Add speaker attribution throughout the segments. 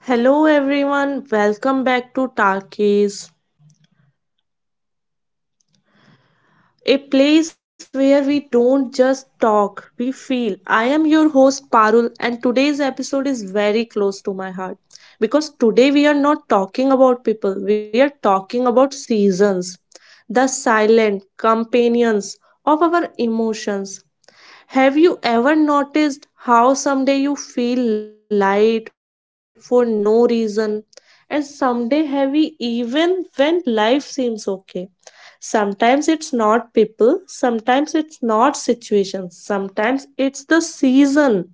Speaker 1: Hello everyone, welcome back to Talkies, a place where we don't just talk, we feel. I am your host Parul and today's episode is very close to my heart because today we are not talking about people, we are talking about seasons, the silent companions of our emotions. Have you ever noticed how someday you feel light for no reason and someday heavy even when life seems okay? Sometimes it's not people, sometimes it's not situations, sometimes it's the season.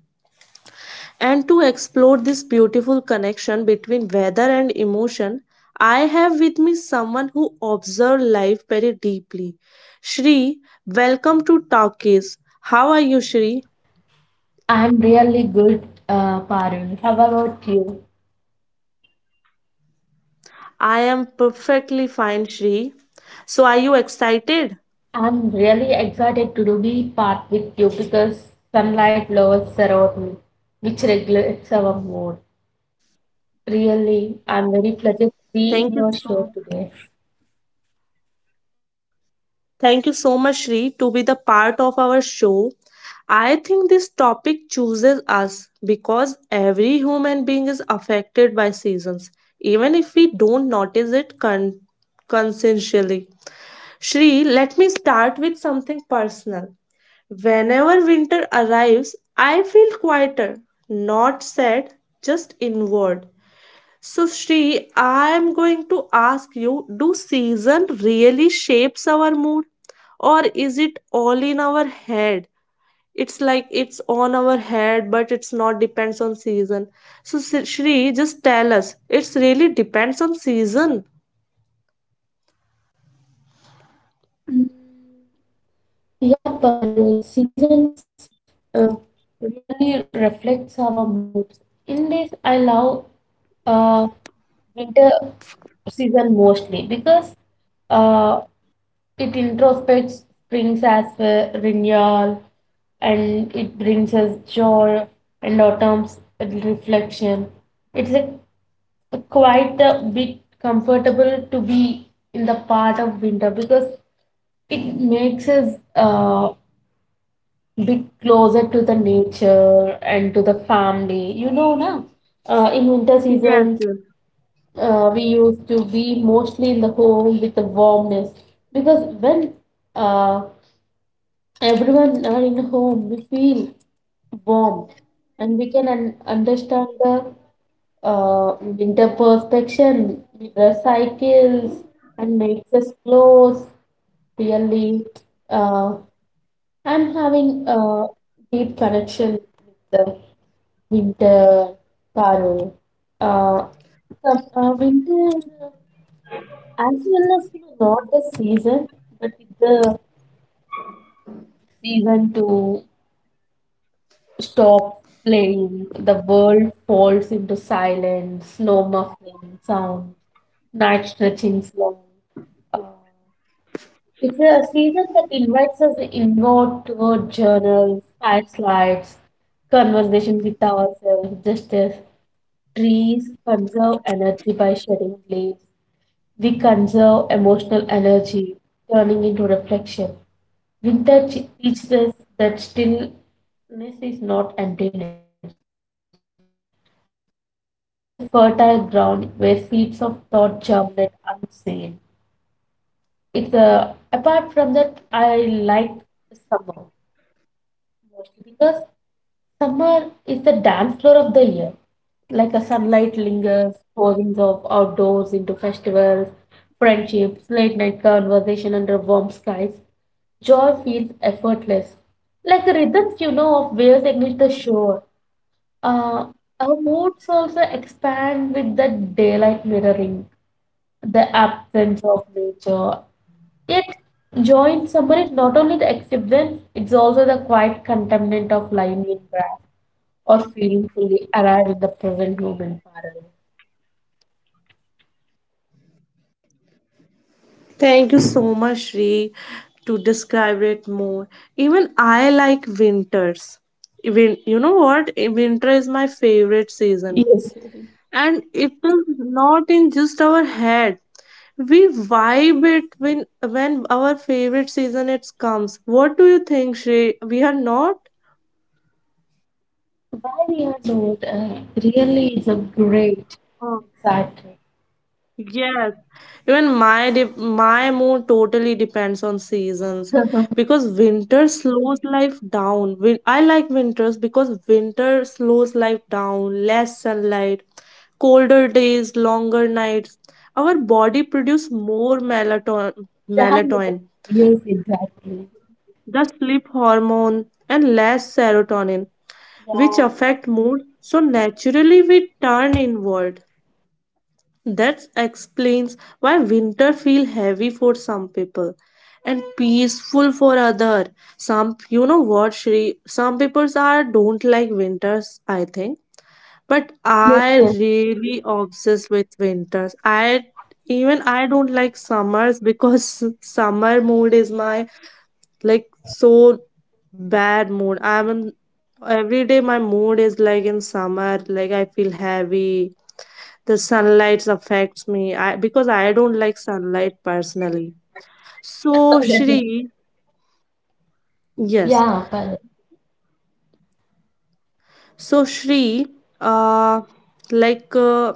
Speaker 1: And to explore this beautiful connection between weather and emotion, I have with me someone who observes life very deeply. Shri, welcome to Talkies. How are you, Shri?
Speaker 2: I'm really good, Parul. How about you?
Speaker 1: I am perfectly fine, Shri. So, are you excited?
Speaker 2: I'm really excited to do be part with you because sunlight lowers serotonin, which regulates our mood. Really, I'm very pleased to
Speaker 1: Thank you
Speaker 2: be
Speaker 1: so
Speaker 2: in your show today.
Speaker 1: Thank you so much, Shri, to be the part of our show. I think this topic chooses us because every human being is affected by seasons, even if we don't notice it consciously. Shri, let me start with something personal. Whenever winter arrives, I feel quieter, not sad, just inward. So, Shri, I'm going to ask you, do season really shapes our mood or is it all in our head? It's like it's on our head, but it's not depends on season. So, Shri, just tell us it's really depends on season.
Speaker 2: Yeah, Parul, seasons uh, really reflects our mood. In this, I love uh, winter season mostly because uh, it introspects, brings us renewal, and it brings us joy and autumn's reflection. It's a, a quite a bit comfortable to be in the part of winter because it makes us bit closer to the nature and to the family. You know, na? In winter seasons,
Speaker 1: Yes, yes.
Speaker 2: we used to be mostly in the home with the warmness because when uh, everyone are in home we feel warm and we can understand the winter perfection, the cycles, and makes us close, really. uh, I'm having a deep connection with the winter, Parul. uh, Winter as well as, you know, not the season but with the season too stop playing, the world falls into silence, slow muffling sound, night stretching long. Uh, it's a season that invites us inward toward journals, slides, conversation with ourselves, just as trees conserve energy by shedding leaves. We conserve emotional energy, turning into reflection. Teaches us that stillness is not emptiness, but a fertile ground where seeds of thought germinate unseen. Apart from that, I like summer mostly because summer is the dance floor of the year. Like a sunlight lingers, posings of outdoors into festivals, friendships, late night conversation under warm skies. Joy feels effortless, like the rhythms, you know, of waves against the shore. Uh, our moods also expand with the daylight, mirroring the absence of nature. Yet, joy in summer is not only the exuberance, it's also the quiet contaminant of lying in grass or feeling fully alive in the present moment, Parallel.
Speaker 1: Thank you so much, Shri, to describe it more. Even I like winters. Even you know what? Winter is my favorite season
Speaker 2: Yes, yes.
Speaker 1: and it is not in just our head, we vibe it when our favorite season it comes. What do you think, Shrey? We are not.
Speaker 2: Why we are not really is a great, exactly.
Speaker 1: Yes, even my my mood totally depends on seasons because winter slows life down. I like winters because winter slows life down, less sunlight, colder days, longer nights. Our body produce more melatonin,
Speaker 2: Yeah,
Speaker 1: melatonin,
Speaker 2: yes, exactly.
Speaker 1: the sleep hormone, and less serotonin,
Speaker 2: Yeah.
Speaker 1: which affect mood. So naturally, we turn inward. That explains why winter feel heavy for some people and peaceful for other. Some, you know what Shri, some people are don't like winters, I think. But
Speaker 2: Yes,
Speaker 1: I
Speaker 2: yes.
Speaker 1: really obsessed with winters. I don't like summers because summer mood is my like so bad mood. I'm in, every day my mood is like in summer, like I feel heavy, the sunlight affects me, because I don't like sunlight personally, so Shri, yes,
Speaker 2: Yeah, but
Speaker 1: so Shri, uh like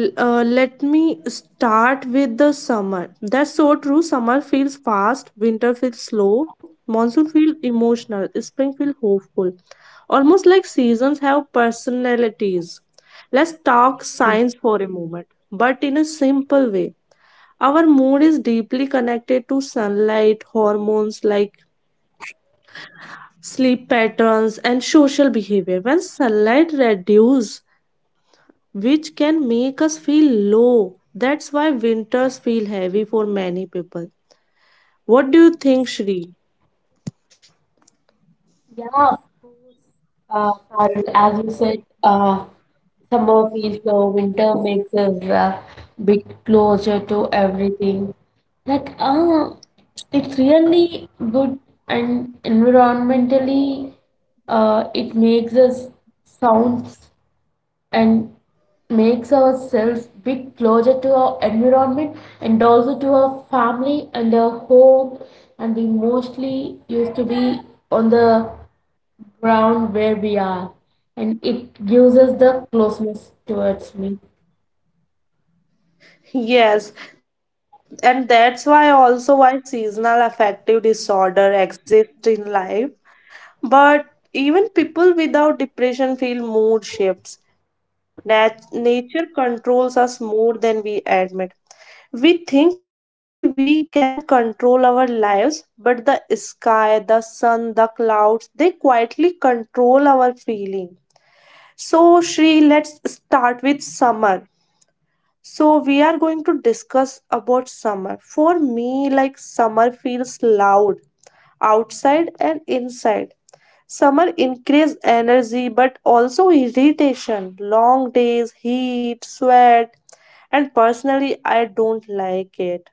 Speaker 1: let me start with the summer. That's so true, summer feels fast, winter feels slow, monsoon feels emotional, spring feels hopeful, almost like seasons have personalities. Let's
Speaker 2: yes,
Speaker 1: talk
Speaker 2: yes, yes.
Speaker 1: science for a moment, but in a simple way. Our mood is deeply connected to sunlight, hormones like sleep patterns, and social behavior. When sunlight reduces, which can make us feel low, that's why winters feel heavy for many people. What do you think,
Speaker 2: Yes.
Speaker 1: Shri?
Speaker 2: Yeah, of course. Parul, as you said, summer feels slow, winter makes us a bit closer to everything. Like, it's really good, and environmentally, it makes us sounds and makes ourselves bit closer to our environment and also to our family and our home, and we mostly used to be on the ground where we are, and it gives us the closeness towards me.
Speaker 1: Yes, and that's why also why seasonal affective disorder exists in life. But even people without depression feel mood shifts. Nature controls us more than we admit. We think we can control our lives, but the sky, the sun, the clouds, they quietly control our feeling. So, Shri, let's start with summer. So, we are going to discuss about summer. For me, like summer feels loud outside and inside. Summer increase energy but also irritation, long days, heat, sweat, and personally I don't like it.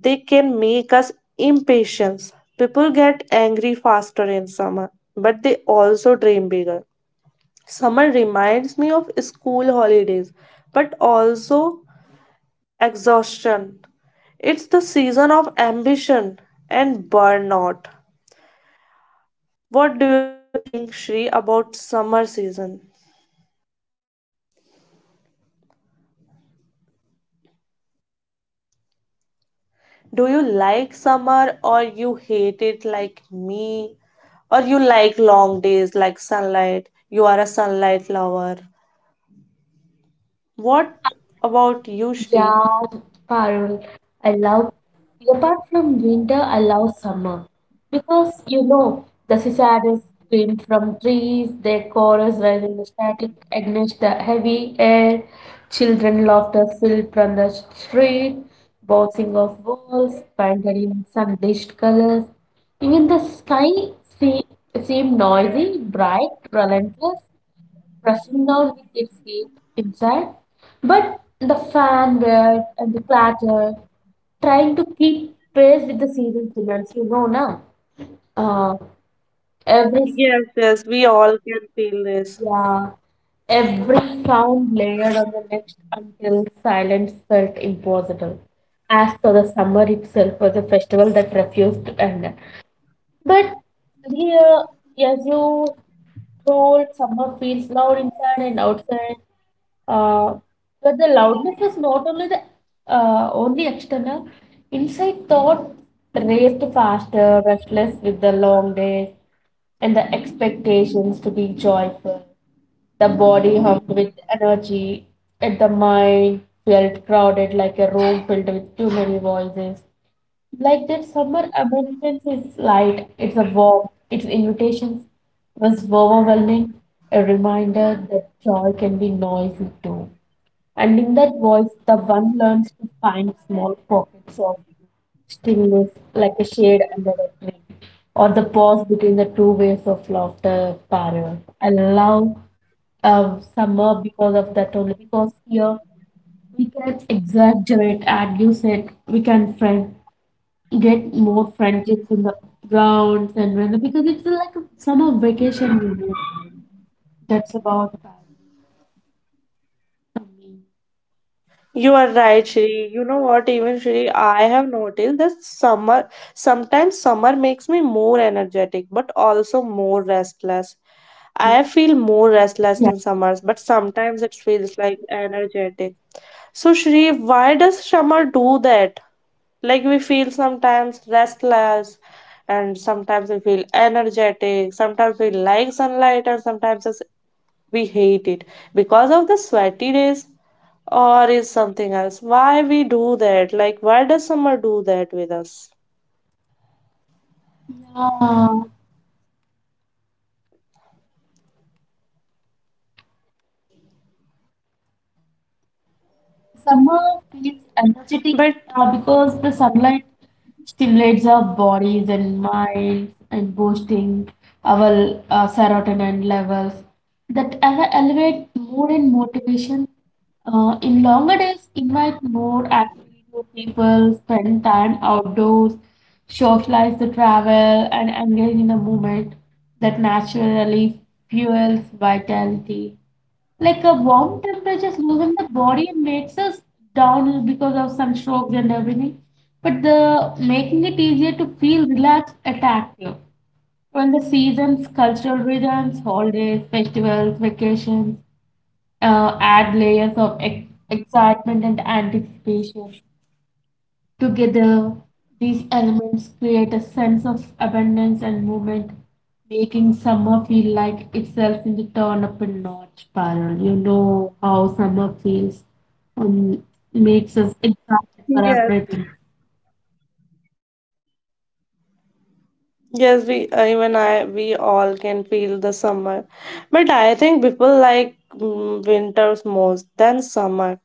Speaker 1: They can make us impatient. People get angry faster in summer, but they also dream bigger. Summer reminds me of school holidays, but also exhaustion. It's the season of ambition and burnout. What do you think, Shri, about summer season? Do you like summer or you hate it like me? Or you like long days like sunlight? You are a sunlight lover. What about you, Shri?
Speaker 2: Yeah, Parul, I love, apart from winter, I love summer. Because, you know, the cicadas scream from trees, their chorus rising the static against the heavy air, children laughter filled from the street, bouncing off walls, painted in sun-bleached colors. Even the sky se seemed noisy, bright, relentless, pressing down with its feet inside, but the fan whirred and the clatter, trying to keep pace with the season demands. You know now, uh, every
Speaker 1: Yes, yes, we all can feel this.
Speaker 2: yeah, every sound layered on the next until silence felt impossible, as though the summer itself was a festival that refused to end. But here, as you told, summer feels loud inside and outside. uh, but the loudness is not only the only external. Inside thought raced faster, restless with the long days and the expectations to be joyful. The body hummed with energy, and the mind felt crowded like a room filled with too many voices. Like that summer abundance is light, it's a warmth, its invitations was overwhelming, a reminder that joy can be noisy too. And in that voice, the one learns to find small pockets of stillness, like a shade under a tree, or the pause between the two waves of laughter, Parallel. I love summer because of that only, because here we can exaggerate and use it. We can friend get more friendships in the grounds, and when because it's like a summer vacation, you know. That's about for me.
Speaker 1: You are right, Shri. You know what, even Shri, I have noticed that summer, sometimes summer makes me more energetic, but also more restless.
Speaker 2: Uh-huh.
Speaker 1: I feel more restless
Speaker 2: Yeah.
Speaker 1: in summers, but sometimes it feels like energetic. So, Shri, why does summer do that? Like we feel sometimes restless, and sometimes we feel energetic, sometimes we like sunlight, and sometimes us we hate it because of the sweaty days, or is something else why we do that, like why does summer do that with us?
Speaker 2: Yeah. Summer feels
Speaker 1: But
Speaker 2: energetic because the sunlight stimulates our bodies and minds and boosting our serotonin levels that ever elevate mood and motivation. In longer days, invite more activity to people, spend time outdoors, socialize the travel, and engage in a movement that naturally fuels vitality. Like a warm temperatures loosens the body and makes us down because of sunstrokes and everything. But the making it easier to feel relaxed and active. When the seasons, cultural rhythms, holidays, festivals, vacations, add layers of excitement and anticipation. Together, these elements create a sense of abundance and movement, making summer feel like itself in the turn up a notch spiral. You know how summer feels and makes us excited for
Speaker 1: yes.
Speaker 2: everything.
Speaker 1: Yes, we even I, we all can feel the summer, but I think people like mm, winters most than summer.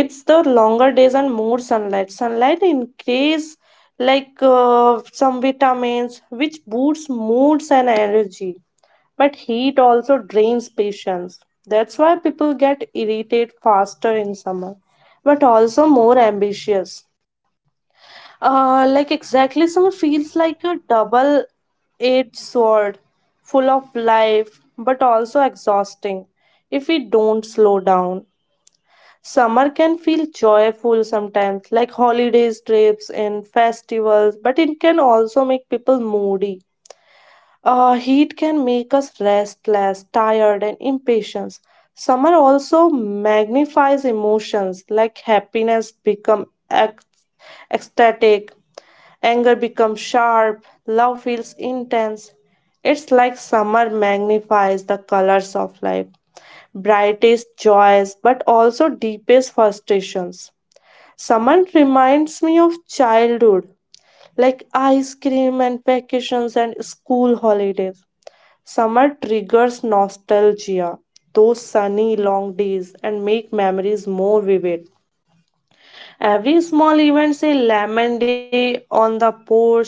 Speaker 1: It's the longer days and more sunlight. Sunlight increase like some vitamins, which boosts moods and energy. But heat also drains patience. That's why people get irritated faster in summer, but also more ambitious. Like exactly, summer feels like a double edged sword, full of life but also exhausting if we don't slow down. Summer can feel joyful sometimes, like holidays, trips, and festivals, but it can also make people moody. Heat can make us restless, tired, and impatient. Summer also magnifies emotions, like happiness become ecstatic. Anger becomes sharp, love feels intense. It's like summer magnifies the colors of life, brightest joys, but also deepest frustrations. Summer reminds me of childhood, like ice cream and vacations and school holidays. Summer triggers nostalgia, those sunny long days, and make memories more vivid. Every small event, say lemon day on the porch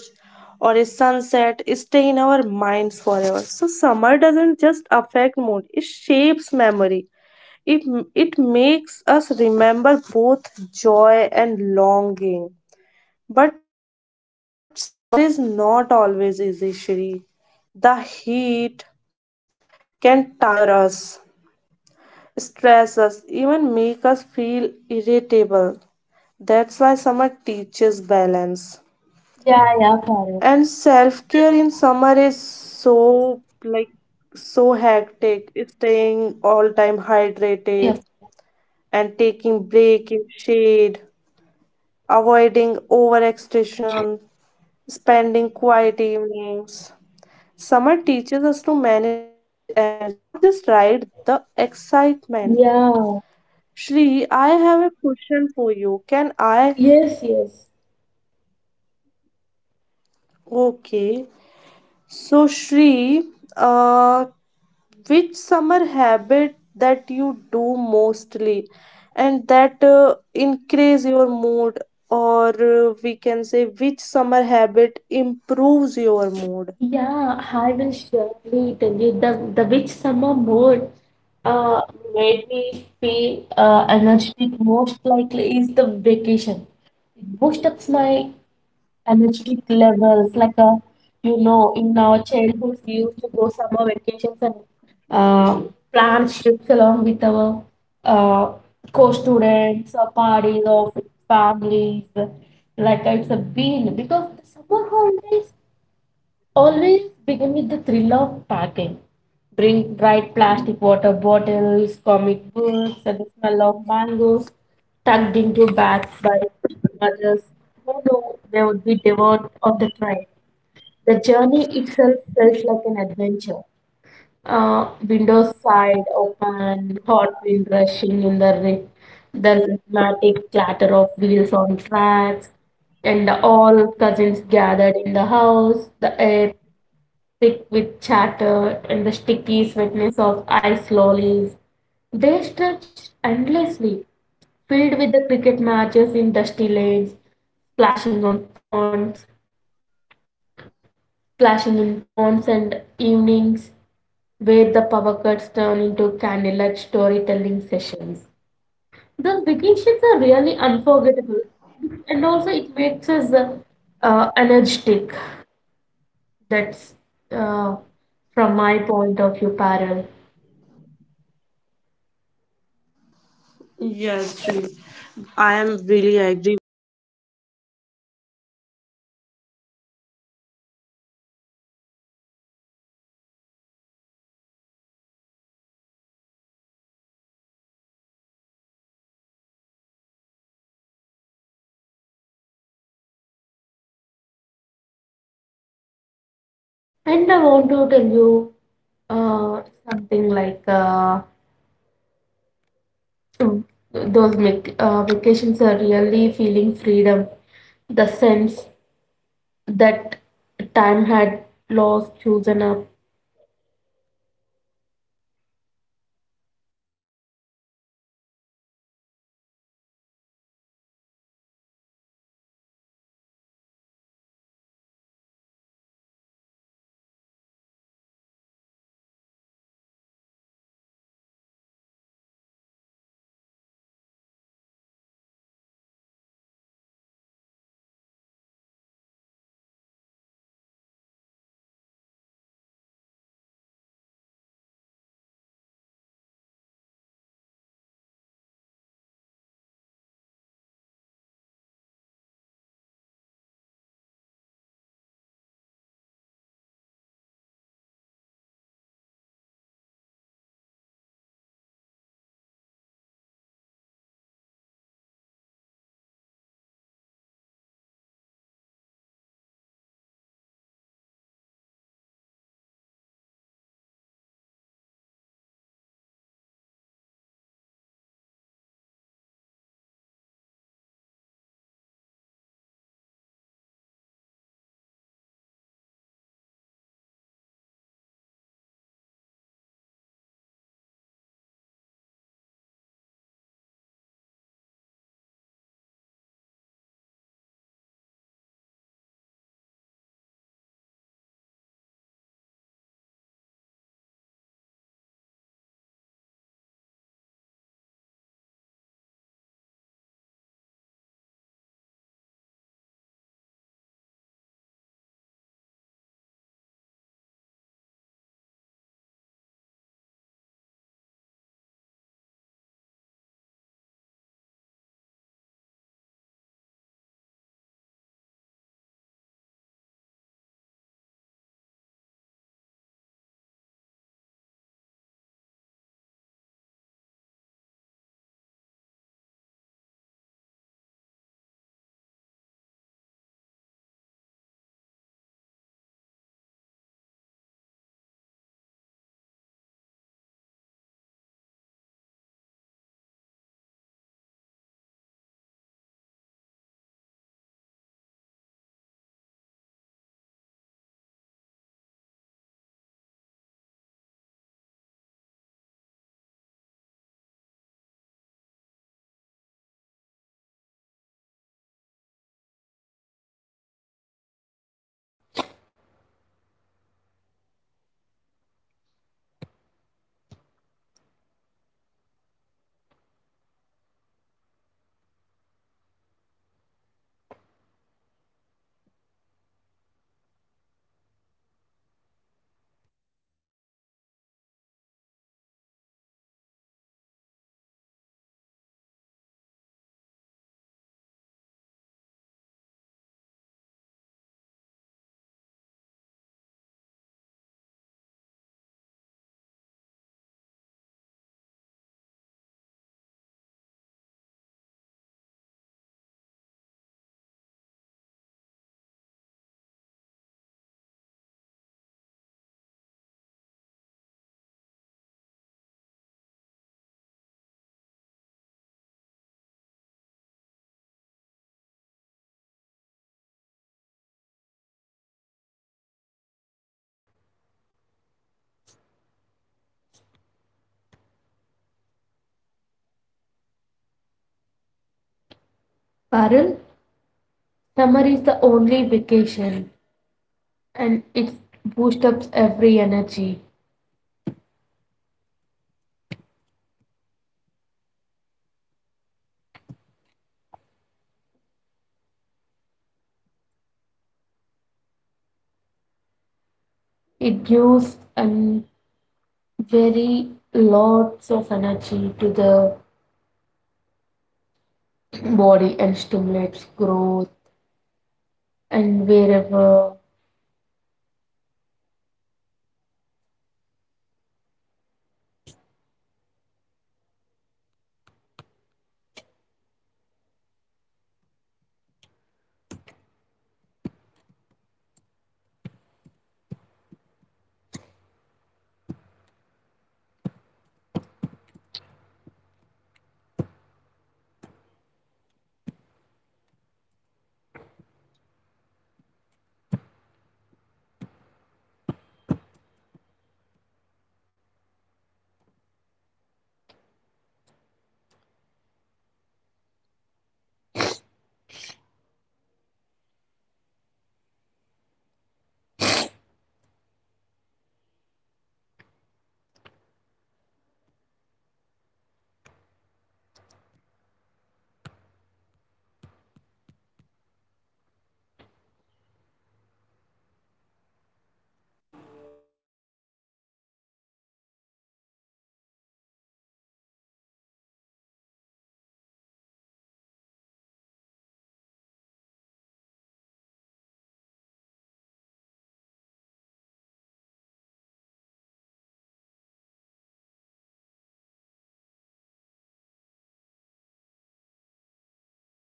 Speaker 1: or a sunset, stay in our minds forever. So summer doesn't just affect mood; it shapes memory. It it makes us remember both joy and longing. But summer is not always easy, Shri. The heat can tire us, stress us, even make us feel irritable. That's why summer teaches balance.
Speaker 2: Yeah, yeah, Parul.
Speaker 1: And self care in summer is so like so hectic. It's staying all time
Speaker 2: Yes.
Speaker 1: hydrated and taking break in shade, avoiding overextension, spending quiet evenings. Summer teaches us to manage energy, not just ride the excitement.
Speaker 2: Yeah,
Speaker 1: Shri, I have a question for you, can I?
Speaker 2: yes, yes.
Speaker 1: Okay, so Shri, uh which summer habit that you do mostly and that increase your mood, or we can say which summer habit improves your mood?
Speaker 2: Yeah, I will surely tell you the which summer mood uh made me feel energetic most likely is the vacation. It boosts up my energetic levels, like, you know, in our childhood we used to go summer vacations and uh, plan trips along with our uh co-students or parties or families. Like it's a been because the summer holidays always begin with the thrill of packing. Bring bright plastic water bottles, comic books, and the smell of mangoes tucked into bags by mothers who know they would be devoured of the train. The journey itself felt like an adventure. Windows side open, hot wind rushing in the rain, the rhythmic clatter of wheels on tracks, and all cousins gathered in the house. The air thick with chatter and the sticky sweetness of ice lollies. They stretched endlessly, filled with the cricket matches in dusty lanes, splashing on ponds, splashing in ponds and evenings where the power cuts turn into candlelight storytelling sessions. Those vacations are really unforgettable, and also it makes us energetic. That's uh, from my point of view, Parallel.
Speaker 1: Yes, true. I am really agree with you. If, or if we talk about my mood, like which habit improves my mood in summer, so like I like wake up in early morning and walks or sunsets or connecting with nature. I like this most in summer. And sometimes summer
Speaker 2: And I
Speaker 1: triggers
Speaker 2: want to
Speaker 1: my
Speaker 2: tell
Speaker 1: stress
Speaker 2: you
Speaker 1: when
Speaker 2: uh,
Speaker 1: we push
Speaker 2: something
Speaker 1: too
Speaker 2: like,
Speaker 1: hard or ignore rest. It triggers my
Speaker 2: mm,
Speaker 1: stress.
Speaker 2: those
Speaker 1: And
Speaker 2: vacations are really
Speaker 1: sometimes
Speaker 2: feeling
Speaker 1: I
Speaker 2: freedom,
Speaker 1: feel like in
Speaker 2: the
Speaker 1: summer
Speaker 2: sense
Speaker 1: that life is
Speaker 2: that
Speaker 1: vibrant and
Speaker 2: time
Speaker 1: fast,
Speaker 2: had
Speaker 1: but we need
Speaker 2: lost, chosen
Speaker 1: pause to
Speaker 2: up,
Speaker 1: survive it. So, yes, we can say that that summer is also good if we vibing in summer. Am I right, Shri? Are you agree with me, Shri? Okay, Shri, let's talk about monsoon. Do you like monsoon season? Like if we talk about me, I like the monsoon most. Like monsoon, we can say monsoon is my favorite season. Monsoon for me is a magical. If we talk about monsoon, it washes the earth, softens the air, and slows our busy lives. But it can also make us emotional, nostalgic, and introspective. To explore the feeling hidden in rain, raindrops and gray skies, I like it to be in monsoon. And I know you all are like to monsoon, to be in monsoon because monsoon has feels so lighter. Shri, every time it rains, I feel different. Like monsoon affect our mood strongly. The sound of rain, the cloudy skies, the wet earth, they all affect our brain chemistry. Rain slows us down, and well, we slow down. So, if we talk about monsoon, happiness can feel more profound, sadness can feel heavier, memories come alive. Monsoon is a season of emotional honesty. So, Shri, do you like monsoon or not? Are you there, Shri? Shri, are you there?
Speaker 2: Parul, summer is the only vacation and it boosts up every energy.
Speaker 1: Shri, are you there?
Speaker 2: It gives and very lots of energy to the body and stimulates growth and wherever
Speaker 1: Okay, I think Shri have some mic problem. So, guys, we are talking about monsoon. So let's talk about monsoon because monsoon is my favorite season. Monsoon is magical for me. It washes the earth, softens the air, and slows our busy life. But it can also make us emotional, nostalgic, and introspective. To explore the feeling hidden in raindrops and grey skies, I have with me Shri, but Shri has some mic problem, so we can discuss it. Like every time it rains, I feel different. Do you think monsoon affect our mood so strongly? The sound of rain, the cloudy sky, the wet earth, they all affect our brain chemistry. So yes, monsoon depends on our mood really. So let's talk about more about monsoon. Like rain slows us down and when we slow down emotion rise.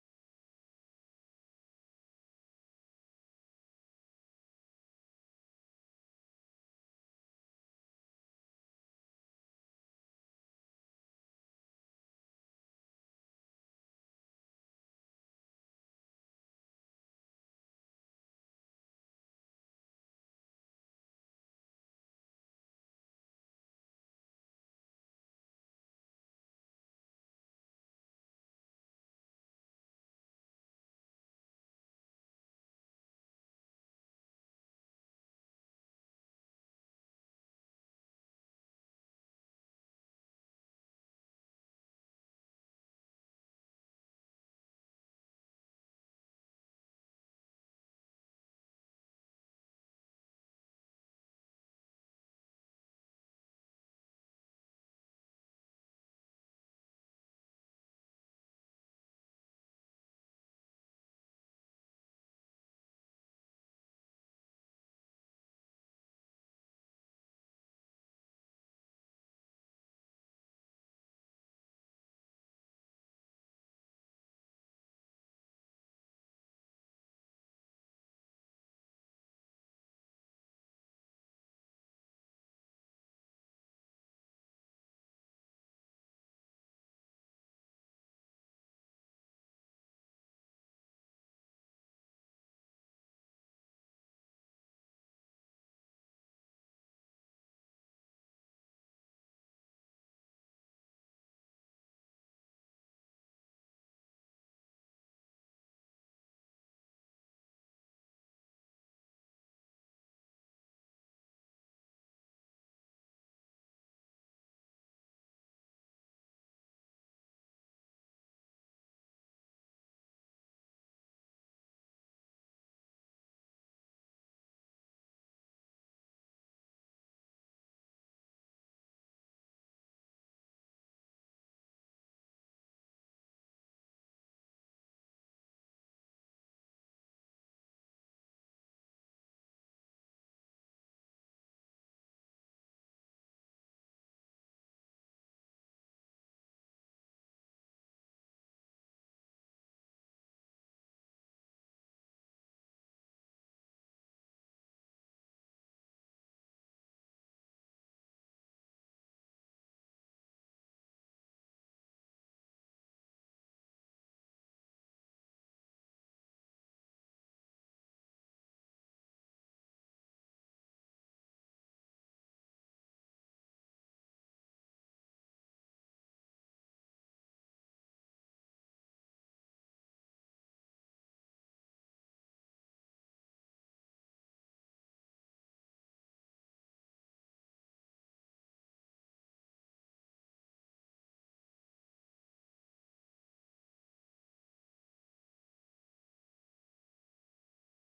Speaker 1: Happiness can feel more profound, sadness can feel heavier, memories come alive. Monsoon is a season of emotional honesty. Exactly, it's like nature forces us to feel, even if we are busy. The rains remind us of ourselves. And I know we all are like monsoon because monsoon is the season of love. What is happening inside our mind during monsoon? Reduced sunlight means slightly less serotonin, which can, which can make some people feel low, but rain itself is soothing. Listening to rain triggers calmness, nostalgia, and sometimes creativity. Monsoon increase reflection and introspection, so it's natural to feel emotional, miss people, or even feel inspired to write, paint, or just sit quietly during monsoon. Monsoon always make me remember old memories like childhood puddles, school days, first love. Yes, monsoon is tied to memories because it slows life down. We walk more slowly, pause to listen, and notice small things. The smell of wet earth, the rim of rain or windows, the smell of tea. All of these evoke deep nostalgia. Monsoon does not just wet the earth, it wets our heart with memories and with feeling. But guys, sometimes like we feel people lonely in monsoon, is that a bad thing or not? For me it not at all. Loneliness is monsoon is a single signal to rest, reflect and heal. Monsoon teaches self care, enjoying warm drinks, listening to music, reading or journaling, spending quiet time with loved ones. It's season of emotional cleansing, just like it cleans the streets. I love that. Emotional cleansing, it's not about sadness. It's about making space for new feeling. So, like, if we do some quick questions, like which mood of mind is strongest during monsoon? So, mine is nostalgia and reflection. And monsoon also improve my creativity. Yes, it inspires art, writing, and deep thoughts. Monsoon give me life lessons like pause, feel, and allow nature to heal your heart. So, as everyone listening, if you feel emotional during the rains, that's okay. If memories come flooding, that's okay. If you feel a little lonely, that's okay too. Monsoon reminds us to slow down, to listen.